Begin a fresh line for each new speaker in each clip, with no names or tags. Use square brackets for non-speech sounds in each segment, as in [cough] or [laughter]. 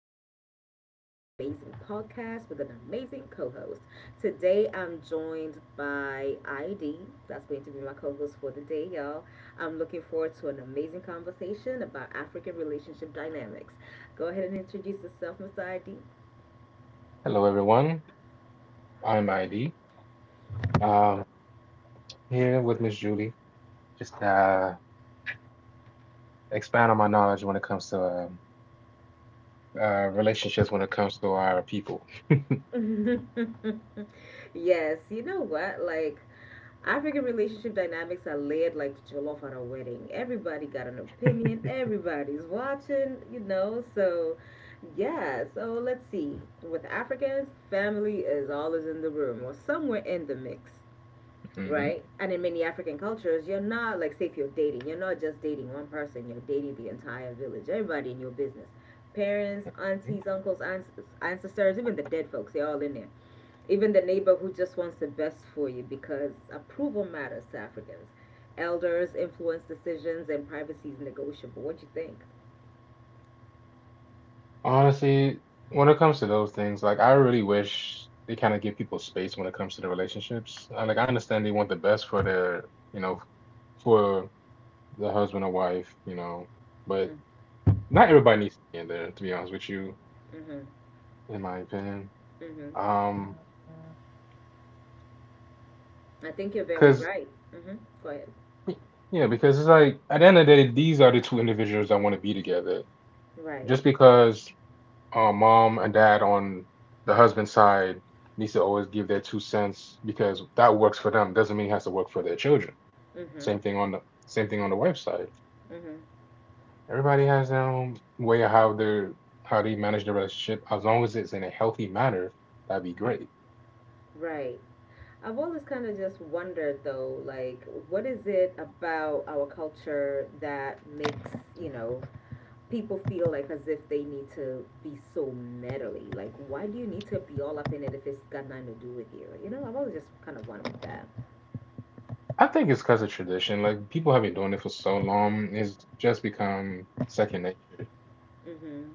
back again with my amazing podcast with an amazing co host. Today, I'm joined by ID. That's going to be my co host for the day, y'all. I'm looking forward to an amazing conversation about African relationship dynamics. Go ahead and introduce yourself, Mr. ID.
Hello, everyone. I'm ID. Um, here with Miss Julie. Just expand on my knowledge when it comes to relationships, when it comes to our people.
[laughs] Yes, you know what? Like, African relationship dynamics are layered like jollof at a wedding. Everybody got an opinion. Everybody's watching. Yeah. So let's see. With Africans, family is always in the room or somewhere in the mix,
Hmm.
right? And in many African cultures, you're not like say if you're dating, you're not just dating one person. You're dating the entire village. Everybody in your business. Parents, aunties, uncles, aunts, ancestors, even the dead folks, they're all in there, even the neighbor who just wants the best for you because approval matters to Africans. Elders influence decisions and privacy is negotiable. What do you think?
Honestly, when it comes to those things, like I really wish they kind of give people space when it comes to the relationships. Like
Mm-hmm.
I understand they want the best for their, you know, for the husband or wife, you know, but not everybody needs to be in there, to be honest with you,
Mm-hmm.
in my opinion.
Mm-hmm.
Um
I think you're very
'Cause
right. Mm-hmm. Go ahead.
Yeah, because it's like at the end of the day, these are the two individuals that want to be together.
Right.
Just because mom and dad on the husband's side needs to always give their two cents because that works for them doesn't mean it has to work for their children.
Mm-hmm.
Same thing on the wife's side.
Mm-hmm.
Everybody has their own way of how they manage the relationship. As long as it's in a healthy manner, that'd be great.
Right. I've always kind of just wondered though, like, what is it about our culture that makes, you know, people feel like as if they need to be so meddly. Like, why do you need to be all up in it if it's got nothing to do with you? You know, I've always just kind of wondered that.
I think it's because of tradition. Like people have been doing it for so long, it's just become second nature.
Mm-hmm.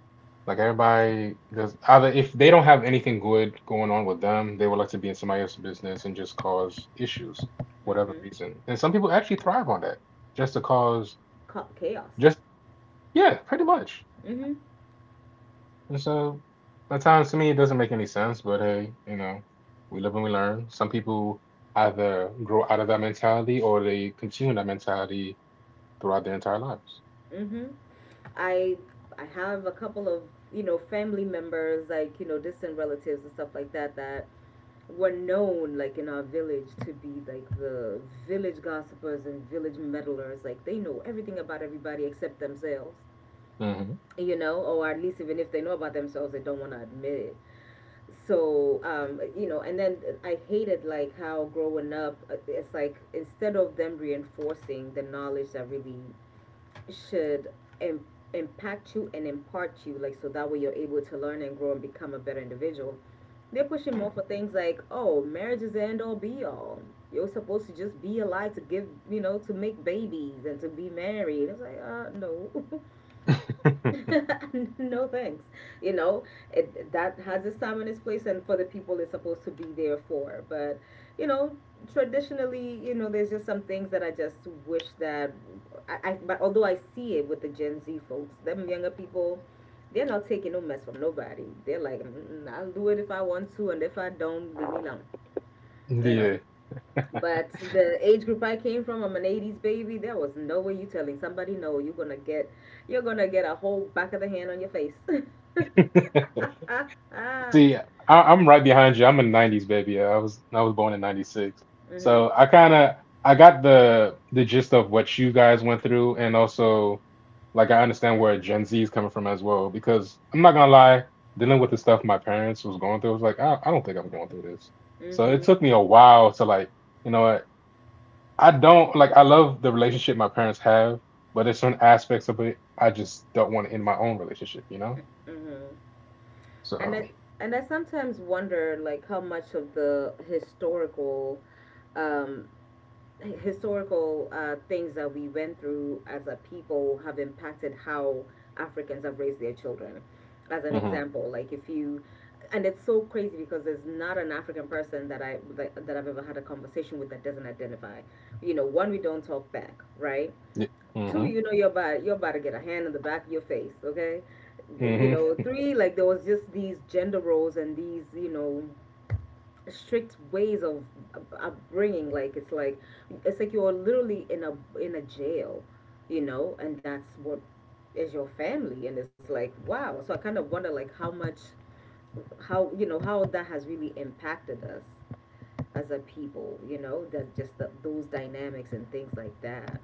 Like everybody does either if they don't have anything good going on with them, they would like to be in somebody else's business and just cause issues, whatever
Mm-hmm.
reason. And some people actually thrive on that, just to cause
Chaos.
just yeah, pretty much.
Mm-hmm.
And so at times to me it doesn't make any sense, but hey, you know, we live and we learn. Some people either grow out of that mentality or they continue that mentality throughout their entire lives.
Mm-hmm. I I have a couple of family members, like, distant relatives and stuff like that, that were known, like, in our village to be like the village gossipers and village meddlers. Like, they know everything about everybody except themselves.
Hmm.
You know, or at least even if they know about themselves, they don't want to admit it. So, you know, and then I hated like how growing up, it's like instead of them reinforcing the knowledge that really should im- impact you and impart you, like so that way you're able to learn and grow and become a better individual, they're pushing more
Hmm.
for things like, oh, marriage is the end all be all. You're supposed to just be alive to give, you know, to make babies and to be married. It's like, no. [laughs]
[laughs]
[laughs] No thanks. You know, it, that has its time and its place, and for the people it's supposed to be there for. But, you know, traditionally, you know, there's just some things that I just wish that, I but although I see it with the Gen Z folks, them younger people, they're not taking no mess from nobody. They're like, "Mm, I'll do it if I want to, and if I don't, leave me alone." You know.
Yeah.
But the age group I came from, I'm an 80s baby. There was no way you telling somebody no. You're gonna get a whole back of the hand on your face. [laughs]
[laughs]
Ah, ah.
See, I'm right behind you. I'm a '90s baby. I was born in '96, so
Mhm.
I kind of I got the gist of what you guys went through, and also like I understand where Gen Z is coming from as well. Because I'm not gonna lie, dealing with the stuff my parents was going through, I was like, I don't think I'm going through this.
Mhm.
So it
Mm.
took me a while to like, you know what? I don't like. I love the relationship my parents have, but there's certain aspects of it I just don't want in my own relationship. You know?
Mhm. And I
So.
and I sometimes wonder like how much of the historical um things that we went through as a people have impacted how Africans have raised their children. As an
Mm-hmm.
example, like if you, and it's so crazy because there's not an African person that I've ever had a conversation with that doesn't identify. You know, one, we don't talk back, right?
Yeah.
Two,
Mm-hmm.
you know, you're about to get a hand in the back of your face, okay? You know,
Mm-hmm.
three, like there was just these gender roles and these, you know, strict ways of upbringing. Like, it's like you're literally in a jail, you know, and that's what is your family. And it's like, wow. So I kind of wonder like how much, how, you know, how that has really impacted us as a people, you know, that just the, those dynamics and things like that.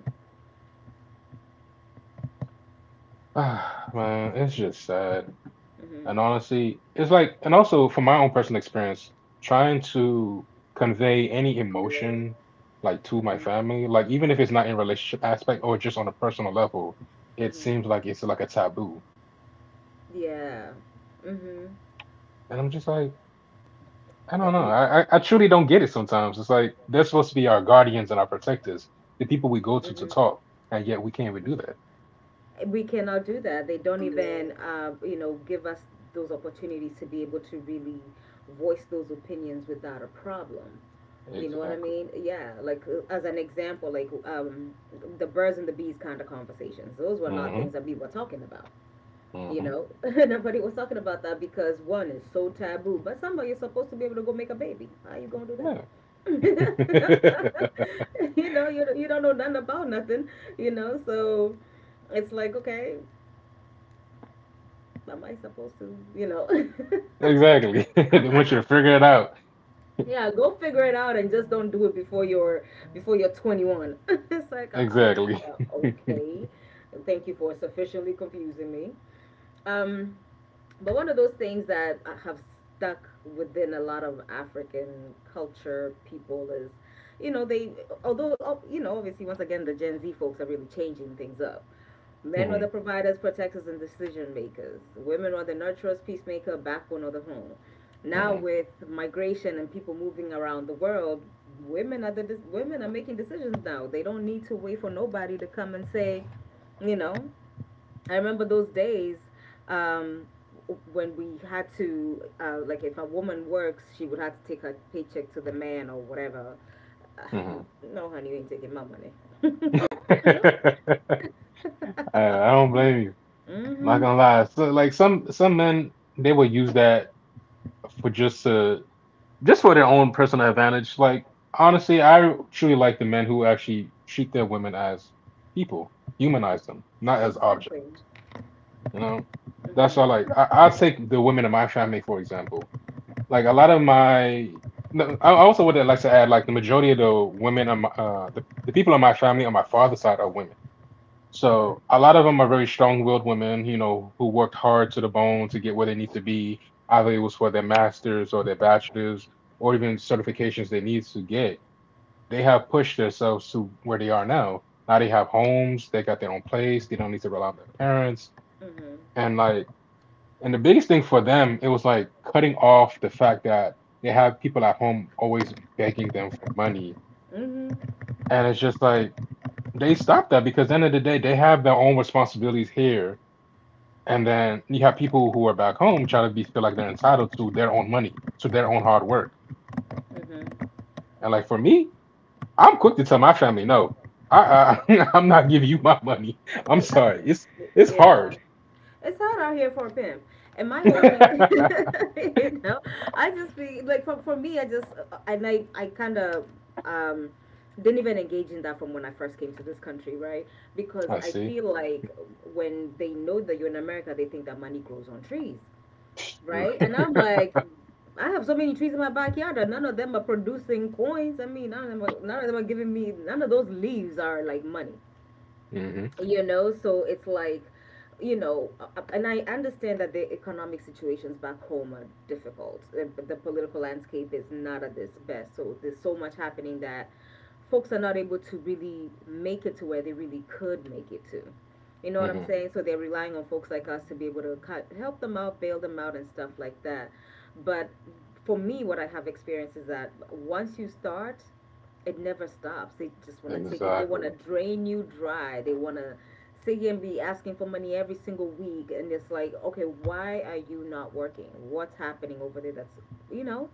[sighs] Ah, man, it's just sad.
Mhm.
And honestly, it's like, and also from my own personal experience, trying to convey any emotion like to my
Mhm.
family, like even if it's not in relationship aspect or just on a personal level, it
Mhm.
seems like it's like a taboo.
Yeah. Mhm.
And I'm just like, I
Uh,
don't know.
y-
I truly don't get it sometimes. It's like they're supposed to be our guardians and our protectors, the people we go to
mhm.
talk, and yet we can't even do that.
We cannot do that. They don't even, you know, give us those opportunities to be able to really voice those opinions without a problem. You know what I
Exactly.
mean? Yeah. Like, as an example, like, the birds and the bees kind of conversations. Those were not
Mm-hmm.
things that we were talking about. You
Mm-hmm.
know, [laughs] nobody was talking about that because one is so taboo. But somebody is supposed to be able to go make a baby. How you gonna do that?
Yeah. [laughs]
[laughs] You know, you don't know nothing about nothing. You know, so it's like, okay, am I supposed to, you know?
Exactly. [laughs] They want you to figure it out.
[laughs] Yeah, go figure it out, and just don't do it before you're 21. [laughs] It's like,
Exactly. [laughs]
okay. Thank you for sufficiently confusing me. Um, but one of those things that I have stuck within a lot of African culture people is, you know, they, you know, obviously, once again, the Gen Z folks are really changing things up. Men are the
Hmm.
providers, protectors, and decision makers. Women are the nurturers, peacemaker, backbone of the home. Now
Hmm.
with migration and people moving around the world, women are making decisions now. They don't need to wait for nobody to come and say, you know, I remember those days, um, when we had to, like, if a woman works, she would have to take her paycheck to the man or whatever. Uh,
Hmm.
no, honey, you ain't taking my money.
[laughs]
[laughs]
I, I don't blame you. Not
Mm-hmm.
gonna lie. So, like some men, they will use that for just for their own personal advantage. Like honestly, I truly like the men who actually treat their women as people,
Mm-hmm.
humanize them, not as objects.
Exactly.
You know, that's all. Like
Mm-hmm.
I take the women in my family for example. Like a lot of my, No, I also would like to add, like the majority of the women on my, the people in my family on my father's side are women.
Mm-hmm.
So a lot of them are very strong-willed women, you know, who worked hard to the bone to get where they need to be. Either it was for their masters or their bachelors or even certifications they need to get. They have pushed themselves to where they are now. Now they have homes, they got their own place, they don't need to rely on their parents.
Mm-hmm.
And like and the biggest thing for them, it was like cutting off the fact that they have people at home always begging them for money.
Mm-hmm.
And it's just like they stopped that because at the end of the day, they have their own responsibilities here. And then you have people who are back home trying to be feel like they're entitled to their own money, to their own hard work.
Mm-hmm.
And like for me, I'm quick to tell my family, no, I [laughs] I'm not giving you my money. I'm
Uh,
sorry. It's
yeah.
hard.
It's hard out here for a pimp. And my
[laughs]
whole thing, [laughs]
I
you know, I just be like, for me, and I kind of, um, didn't even engage in that from when I first came to this country, right? Because I
see.
feel like when they know that you're in America, they think that money grows on trees, right?
Hmm.
And I'm like, I have so many trees in my backyard, and none of them are producing coins. I mean, none of them are giving me, none of those leaves are like money, you know. So it's like, you know, and I understand that the economic situations back home are difficult. The political landscape is not at its best, so there's so much happening that folks are not able to really make it to where they really could make it to, you know what I'm
Hmm.
saying? So they're relying on folks like us to be able to help them out, bail them out and stuff like that. But for me, what I have experienced is that once you start, it never stops. They just want to take it. They want to
Exactly.
drain you dry. They want to sit here and be asking for money every single week. And it's like, okay, why are you not working? What's happening over there? That's, you know,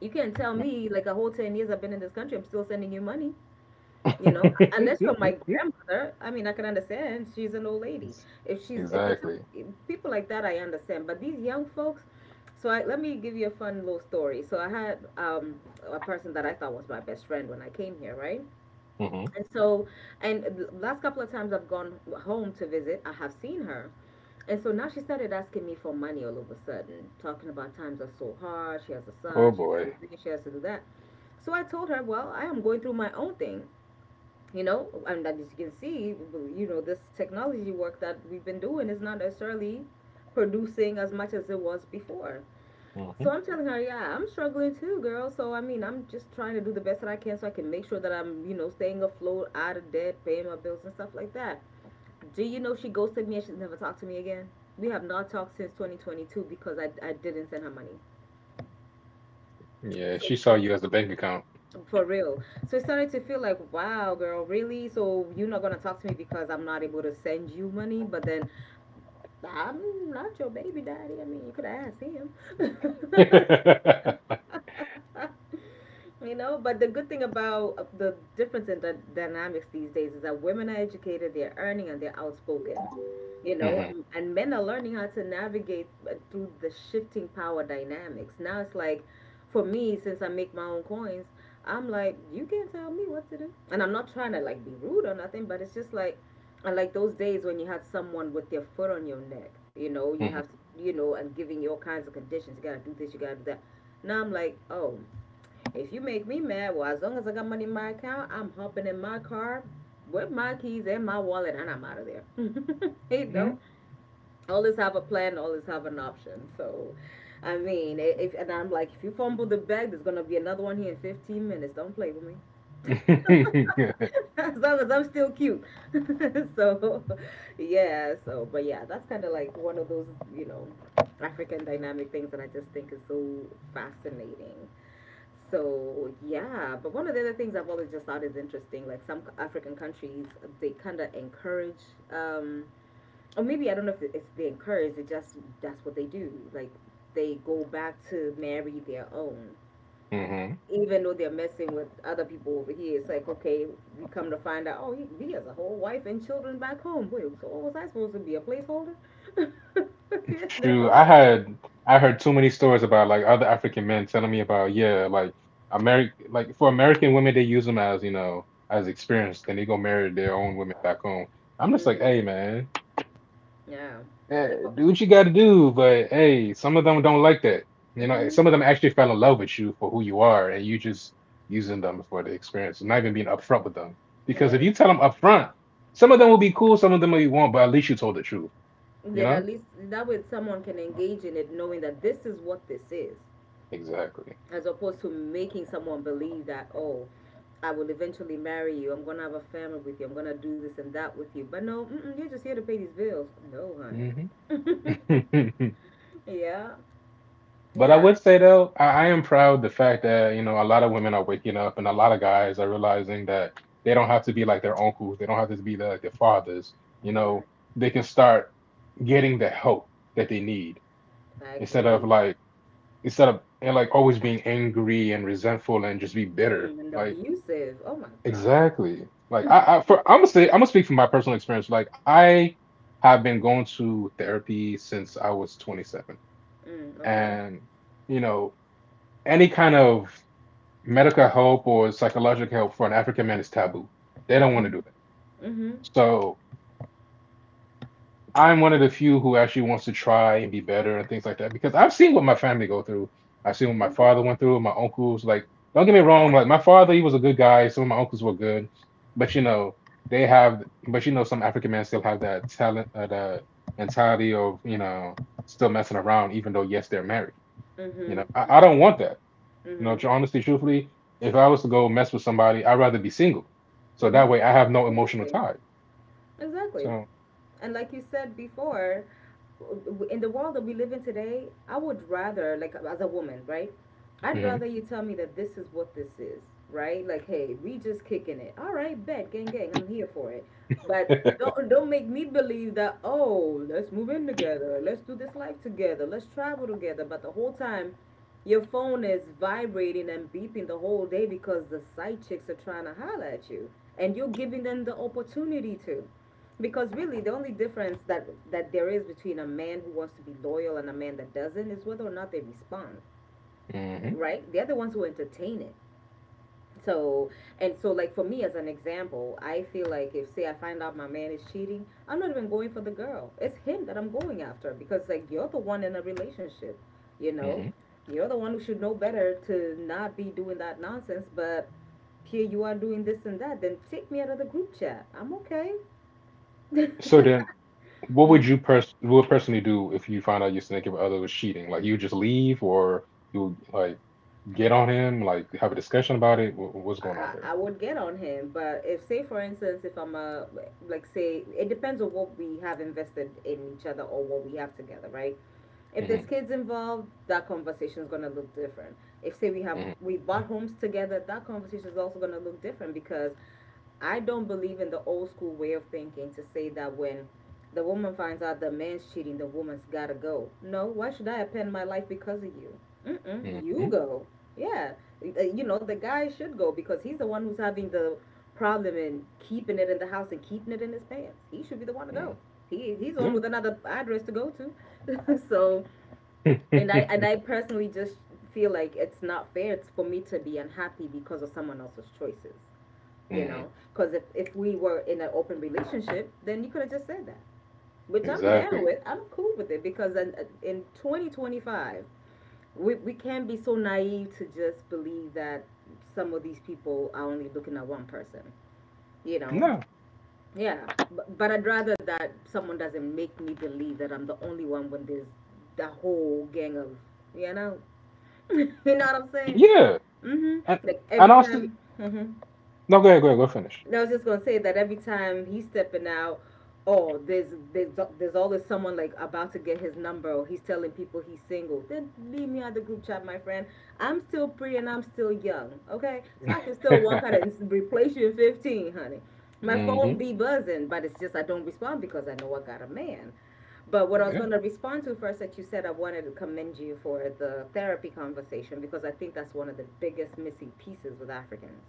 you can't tell me like a whole 10 years I've been in this country, I'm still sending you money. You know, unless you're my
[laughs]
grandmother. I mean, I can understand. She's an old lady. If it's
Exactly.
people like that, I understand. But these young folks. So I, let me give you a fun little story. So I had, a person that I thought was my best friend when I came here, right?
Hmm.
And so, and the last couple of times I've gone home to visit, I have seen her. And so now she started asking me for money all of a sudden, talking about times are so hard. She has a
Oh
son, she has
boy.
to do this, she has to do that. So I told her, well, I am going through my own thing, you know. And as you can see, you know, this technology work that we've been doing is not necessarily producing as much as it was before. So
Hmm.
I'm telling her, yeah, I'm struggling too, girl. So I mean, I'm just trying to do the best that I can so I can make sure that I'm, you know, staying afloat, out of debt, paying my bills and stuff like that. Do you know she ghosted me and she's never talked to me again? We have not talked since 2022 because I didn't send her money.
Yeah,
So
she saw
it's,
you as a bank account.
for real. So it started to feel like, wow, girl, really? So you're not gonna talk to me because I'm not able to send you money? But then I'm not your baby daddy. I mean, you could ask him.
[laughs] Hmm.
[laughs] You know, but the good thing about, the difference in the dynamics these days is that women are educated, they're earning, and they're outspoken. You know, and men are learning how to navigate, through the shifting power dynamics. Now it's like, for me, since I make my own coins, I'm like, you can't tell me what to do. And I'm not trying to like be rude or nothing, but it's just like, I like those days when you had someone with their foot on your neck. You know, you
Hmm.
have to, and giving you all kinds of conditions. You gotta do this, you gotta do that. Now I'm like, oh, if you make me mad, well, as long as I got money in my account, I'm hopping in my car with my keys and my wallet, and I'm out of there. [laughs] You know,
Hmm.
always have a plan, always have an option. So, I'm like, if you fumble the bag, there's gonna be another one here in 15 minutes. Don't play with me. [laughs]
[laughs]
As long as I'm still cute. [laughs] So, yeah. So, but yeah, that's kind of like one of those, you know, African dynamic things that I just think is so fascinating. So yeah, but one of the other things I've always just thought is interesting, like some African countries, they kind of encourage, um, or maybe I don't know if it's they encourage, it just that's what they do. Like they go back to marry their own, even though they're messing with other people over here. It's like okay, we come to find out, oh, he has a whole wife and children back home. Wait, so what was I supposed to be? A placeholder? [laughs] You
Shoot,
know?
I heard too many stories about like other African men telling me about yeah, like American like for American women they use them as you know as experience. Then they go marry their own women back home. I'm just like,
Mhm.
hey man,
Yeah.
eh,
Like, oh,
do what you got to do, but hey, some of them don't like that. You know, eh,
mm-hmm.
some of them actually fell in love with you for who you are, and you just using them for the experience, not even being upfront with them. Because
Yeah,
if you tell them upfront, some of them will be cool, some of them will be won't, but at least you told the truth. You
then at
know?
least that way someone can engage in it knowing that this is what this is,
Exactly.
as opposed to making someone believe that, oh, I will eventually marry you, I'm gonna have a family with you, I'm gonna do this and that with you, but no, mm-mm, you're just here to pay these bills. No,
Hmm.
honey. [laughs]
[laughs]
Yeah,
But I
yeah,
would say though, I am proud the fact that, you know, a lot of women are waking up and a lot of guys are realizing that they don't have to be like their uncles. They don't have to be the, like their fathers. You
hmm,
know, they can start getting the help that they need
I
instead of
agree.
like instead of and like always being angry and resentful and just be bitter.
Mm, and
Like
abusive, oh my god.
exactly. Like
Mm,
I'm gonna speak from my personal experience. Like I have been going to therapy since I was 27,
mm, okay.
and you know any kind of medical help or psychological help for an African man is taboo. They don't want to
Mm-hmm,
do that.
mm-hmm,
So I'm one of the few who actually wants to try and be better and things like that because I've seen what my family go through. I've seen what my
mm-hmm,
father went through, my uncles. Like, don't get me wrong, like my father, he was a good guy. Some of my uncles were good, but you know, they have, but you know, some African men still have that talent, that mentality of you know, still messing around, even though yes, they're married. You
mm-hmm,
know, I don't want that. You know,
mm-hmm.
honestly, truthfully, if I was to go mess with somebody, I'd rather be single. So that
Mm-hmm.
way I have no emotional
Exactly.
ties.
Exactly.
So,
And like you said before, in the world that we live in today, I would rather, like, as a woman, right? I'd rather
hmm.
you tell me that this is what this is, right? Like, hey, we just kicking it. All right, bet, gang, gang, I'm here for it. But don't make me believe that. Oh, let's move in together. Let's do this life together. Let's travel together. But the whole time, your phone is vibrating and beeping the whole day because the side chicks are trying to holler at you, and you're giving them the opportunity to. Because really, the only difference that there is between a man who wants to be loyal and a man that doesn't is whether or not they respond,
Hmm.
right? They're the ones who entertain it. So, and so, like for me as an example, I feel like if say I find out my man is cheating, I'm not even going for the girl. It's him that I'm going after, because like you're the one in a relationship, you know,
Hmm.
you're the one who should know better to not be doing that nonsense. But here you are doing this and that. Then take me out of the group chat. I'm okay.
[laughs] So
[laughs]
then, what would
you
you personally do if you found out your significant other was cheating? Like, you just leave or you like get on him, like have a discussion about it? What's going on
I,
there?
I would get on him, but if say for instance if I'm a, like say it depends on what we have invested in each other or what we have together, right? If there's
Hmm.
kids involved, that conversation is gonna look different. If say
Hmm.
we bought homes together, that conversation is also gonna look different, because I don't believe in the old school way of thinking to say that when the woman finds out the man's cheating, the woman's gotta go. No, why should I append my life because of you? Mm-mm, you
Hmm.
go. Yeah, uh, you know, the guy should go because he's the one who's having the problem in keeping it in the house and keeping it in his pants. He should be the one to go.
Hmm.
He's on
Yeah.
with another address to go to. [laughs] So, and I personally just feel like it's not fair it's for me to be unhappy because of someone else's choices.
[laughs]
You
Hmm.
know, because if we were in an open relationship, then you could have just said that, which I'm down
Exactly.
with, I'm cool with it, because in 2025 we can't be so naive to just believe that some of these people are only looking at one person, you know.
No.
Yeah, but I'd rather that someone doesn't make me believe that I'm the only one when there's the whole gang of, you know. [laughs] You know what I'm saying?
Yeah.
Mm-hmm.
And,
Like
and
every
honestly,
time, mm-hmm.
no, go ahead, go ahead, go finish.
I was just gonna say that every time he's stepping out, oh, there's always someone like about to get his number, or he's telling people he's single. Then leave me out of the group chat, my friend. I'm still pretty and I'm still young, okay? So I can still walk out
[laughs]
and replace you in 15, honey. My phone
Hmm.
be buzzing, but it's just I don't respond because I know I got a man. But what I was
Yeah.
going to respond to first that you said, I wanted to commend you for the therapy conversation, because I think that's one of the biggest missing pieces with Africans.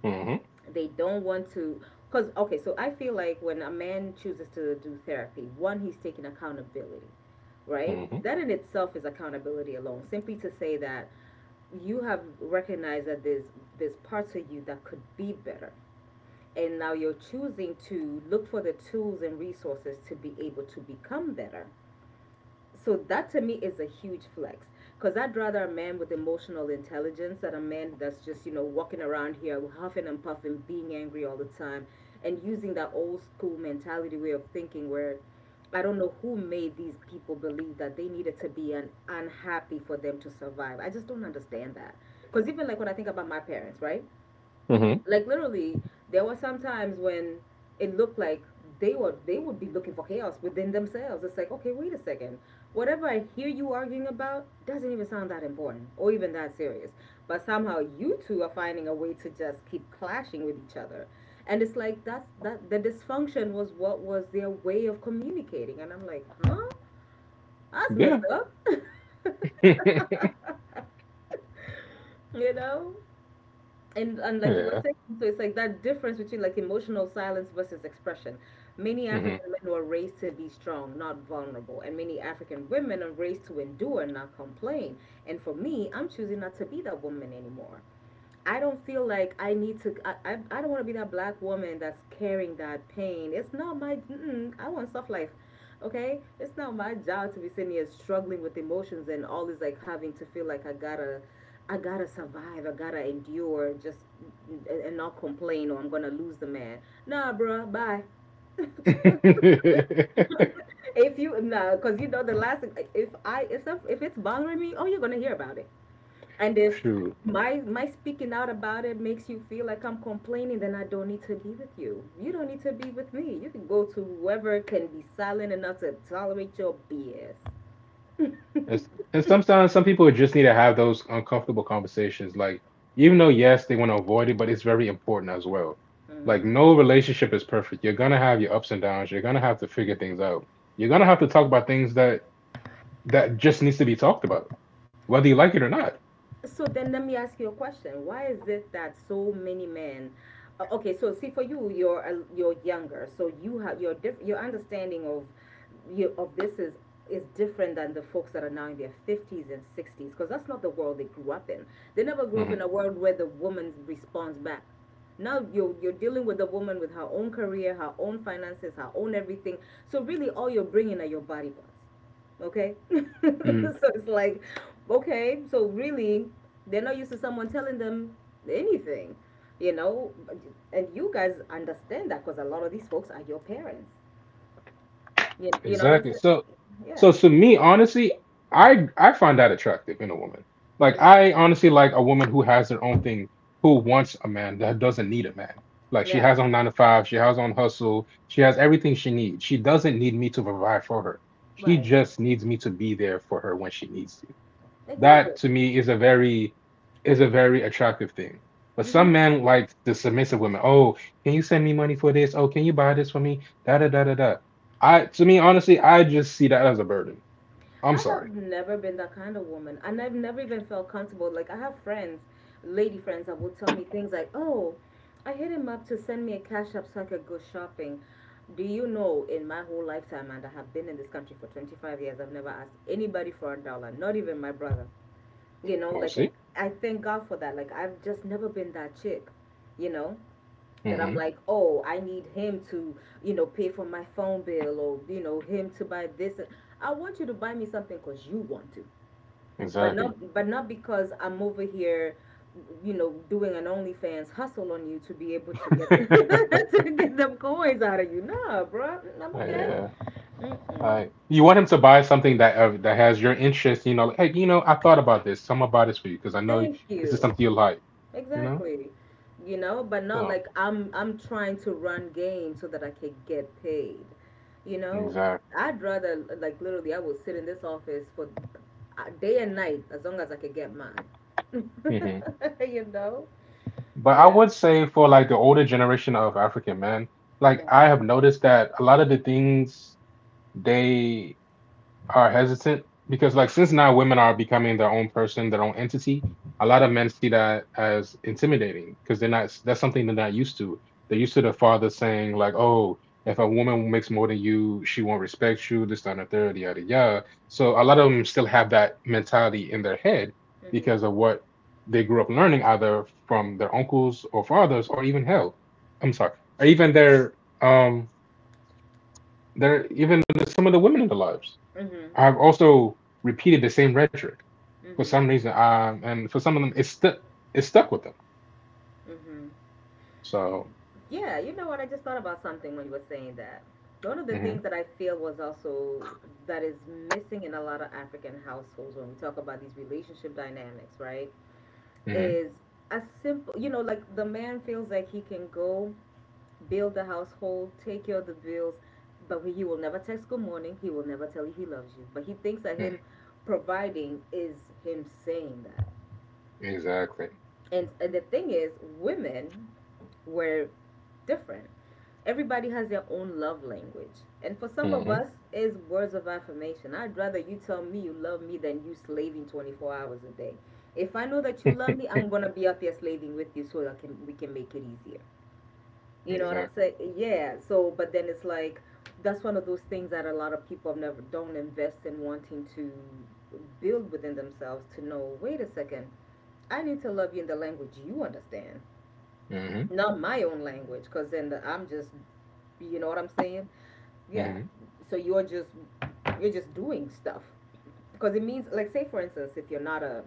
Mhm.
They don't want to, because okay, so I feel like when a man chooses to do therapy, one, he's taking accountability, right?
Mhm.
That in itself is accountability alone. Simply to say that you have recognized that there's parts of you that could be better. And now you're choosing to look for the tools and resources to be able to become better. So that to me is a huge flex. Because I'd rather a man with emotional intelligence than a man that's just, you know, walking around here huffing and puffing, being angry all the time, and using that old school mentality way of thinking where I don't know who made these people believe that they needed to be an unhappy for them to survive. I just don't understand that. Because even like when I think about my parents, right?
Mhm.
Like literally there were some times when it looked like they would be looking for chaos within themselves. It's like okay, wait a second, whatever I hear you arguing about doesn't even sound that important or even that serious, but somehow you two are finding a way to just keep clashing with each other. And it's like that's that the dysfunction was what was their way of communicating, and I'm like, huh, that's messed
Yeah.
up.
[laughs]
[laughs] You know, and like you were
Yeah.
saying, so it's like that difference between like emotional silence versus expression. Many
Mhm.
African men were raised to be strong, not vulnerable, and many African women are raised to endure, not complain. And for me, I'm choosing not to be that woman anymore. I don't feel like I need to. I don't want to be that black woman that's carrying that pain. It's not my. Mm-mm, I want soft life. Okay, it's not my job to be sitting here struggling with emotions and always like having to feel like I gotta survive. I gotta endure. Just and not complain or I'm gonna lose the man. Nah, bruh, bye.
[laughs]
[laughs] If you, nah, cause you know the last. If I if some, If it's bothering me, oh, you're gonna hear about it. And if
True.
my speaking out about it makes you feel like I'm complaining, then I don't need to be with you. You don't need to be with me. You can go to whoever can be silent enough to tolerate your BS.
It's,
[laughs]
and sometimes some people just need to have those uncomfortable conversations. Like, even though yes, they want to avoid it, but it's very important as well. Like,
Mhm.
no relationship is perfect. You're gonna have your ups and downs. You're gonna have to figure things out. You're gonna have to talk about things that just needs to be talked about, whether you like it or not.
So then let me ask you a question. Why is it that so many men, okay, so see for you, you're younger. So you have your your understanding of you of this is different than the folks that are now in their 50s and 60s, because that's not the world they grew up in. They never grew up
Hmm.
in a world where the woman responds back. Now you're dealing with a woman with her own career, her own finances, her own everything. So really all you're bringing are your body parts. Okay? [laughs] So it's like, okay, so really, they're not used to someone telling them anything, you know? And you guys understand that because a lot of these folks are your parents. You know what I'm
Exactly.
saying?
So, so
Yeah.
to me, honestly, I find that attractive in a woman. Like
Hmm.
I honestly like a woman who has their own thing, who wants a man that doesn't need a man. Like she
Yeah.
has on nine to five, she has on hustle, she has everything she needs. She doesn't need me to provide for her. She
Right.
just needs me to be there for her when she needs to.
Exactly.
That to me is a very attractive thing. But
Mm-hmm.
some men like the submissive women. Oh, can you send me money for this? Oh, can you buy this for me? Da da da da da. I to me honestly, I just see that as a burden. I'm
I
sorry.
have never been that kind of woman, and I've never even felt comfortable. Like I have friends, lady friends, that will tell me things like, "Oh, I hit him up to send me a cash app so I could go shopping." Do you know, in my whole lifetime, and I have been in this country for 25 years, I've never asked anybody for a dollar, not even my brother. You know,
Well,
like
see.
I thank God for that. Like I've just never been that chick, you know, that I'm
Hmm.
like, oh, I need him to, you know, pay for my phone bill, or, you know, him to buy this. I want you to buy me something because you want to, but
Exactly.
not because I'm over here, you know, doing an OnlyFans hustle on you to be able to get [laughs]
[laughs]
to get them coins out of you. Nah, bro, I'm okay.
Yeah.
Mm-mm.
I You want him to buy something that that has your interest. You know, like, hey, you know, I thought about this. So I'm gonna buy this for you because I know
Thank
this is
you.
something you like. You know.
Exactly. You know, but not
So
like I'm trying to run game so that I can get paid. You know,
exactly.
I'd rather like literally I will sit in this office for, day and night as long as I could get mine.
Mm-hmm.
[laughs] You know?
But I
Yeah.
would say for like the older generation of African men, like
Mhm.
I have noticed that a lot of the things they are hesitant because like since now women are becoming their own person, their own entity, a lot of men see that as intimidating because they're not that's something they're not used to. They're used to the father saying like, "Oh, if a woman makes more than you, she won't respect you." This, that, and the third, yada yada. So a lot of them still have that mentality in their head
Mhm.
because of what they grew up learning either from their uncles or fathers or even hell, I'm sorry, or even um their, some of the women in their lives.
Mhm.
I've also repeated the same rhetoric for some
Mhm.
reason, and for some of them, it's stuck. It's stuck with them.
Mhm.
So,
Yeah, you know what? I just thought about something when you were saying that. One of the
hmm.
things that I feel was also that is missing in a lot of African households when we talk about these relationship dynamics, right?
Hmm.
Is a simple, you know, like the man feels like he can go build the household, take care of the bills, but he will never text good morning. He will never tell you he loves you. But he thinks that him providing is him saying that.
Exactly.
And the thing is, women were different. Everybody has their own love language. And for some of
Hmm.
us, is words of affirmation. I'd rather you tell me you love me than you slaving 24 hours a day. If I know that you
[laughs]
love me, I'm going to be out there slaving with you so I can we can make it easier. You know what I'm
Exactly.
saying? Yeah. So, but then it's like that's one of those things that a lot of people never don't invest in wanting to build within themselves to know, wait a second, I need to love you in the language you understand,
Hmm.
not my own language, because I'm just, you know what I'm saying? Yeah.
Hmm.
So you're just doing stuff because it means like say for instance if you're not a,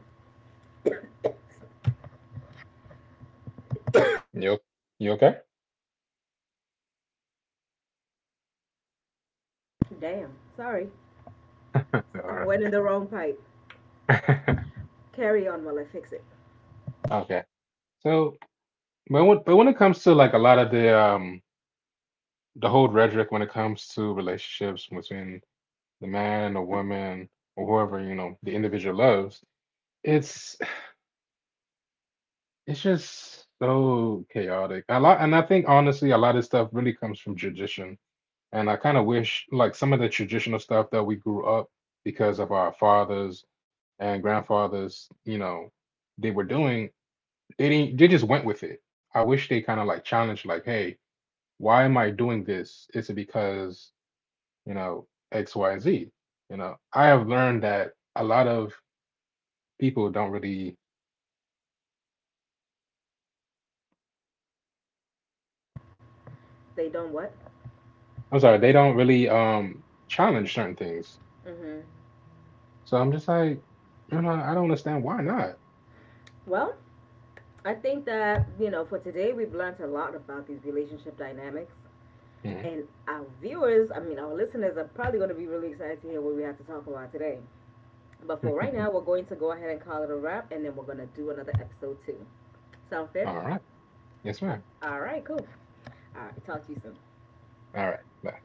You, you okay?
damn, sorry,
[laughs] All
so,
right.
went in the wrong pipe,
[laughs]
carry on while I fix it.
Okay. So, but when it comes to like a lot of the whole rhetoric when it comes to relationships between the man and the woman or whoever you know the individual loves, it's. It's just so chaotic. A lot, and I think honestly, a lot of stuff really comes from tradition. And I kind of wish, like, some of the traditional stuff that we grew up because of our fathers and grandfathers, you know, they were doing, they didn't, they just went with it. I wish they kind of like challenged, like, hey, why am I doing this? Is it because, you know, X, Y, and Z? You know, I have learned that a lot of people don't really,
They don't what?
I'm sorry, they don't really challenge certain things.
Hmm.
So I'm just like, you know, I don't understand why not.
Well, I think that, you know, for today we've learned a lot about these relationship dynamics.
Mhm.
And our our listeners are probably going to be really excited to hear what we have to talk about today. But for right now, we're
[laughs]
going to go ahead and call it a wrap, and then we're going to do another episode too. Sound fair?
All right. Yes,
Uh,
ma'am.
all right, cool. All right, talk to you soon.
All right. Bye.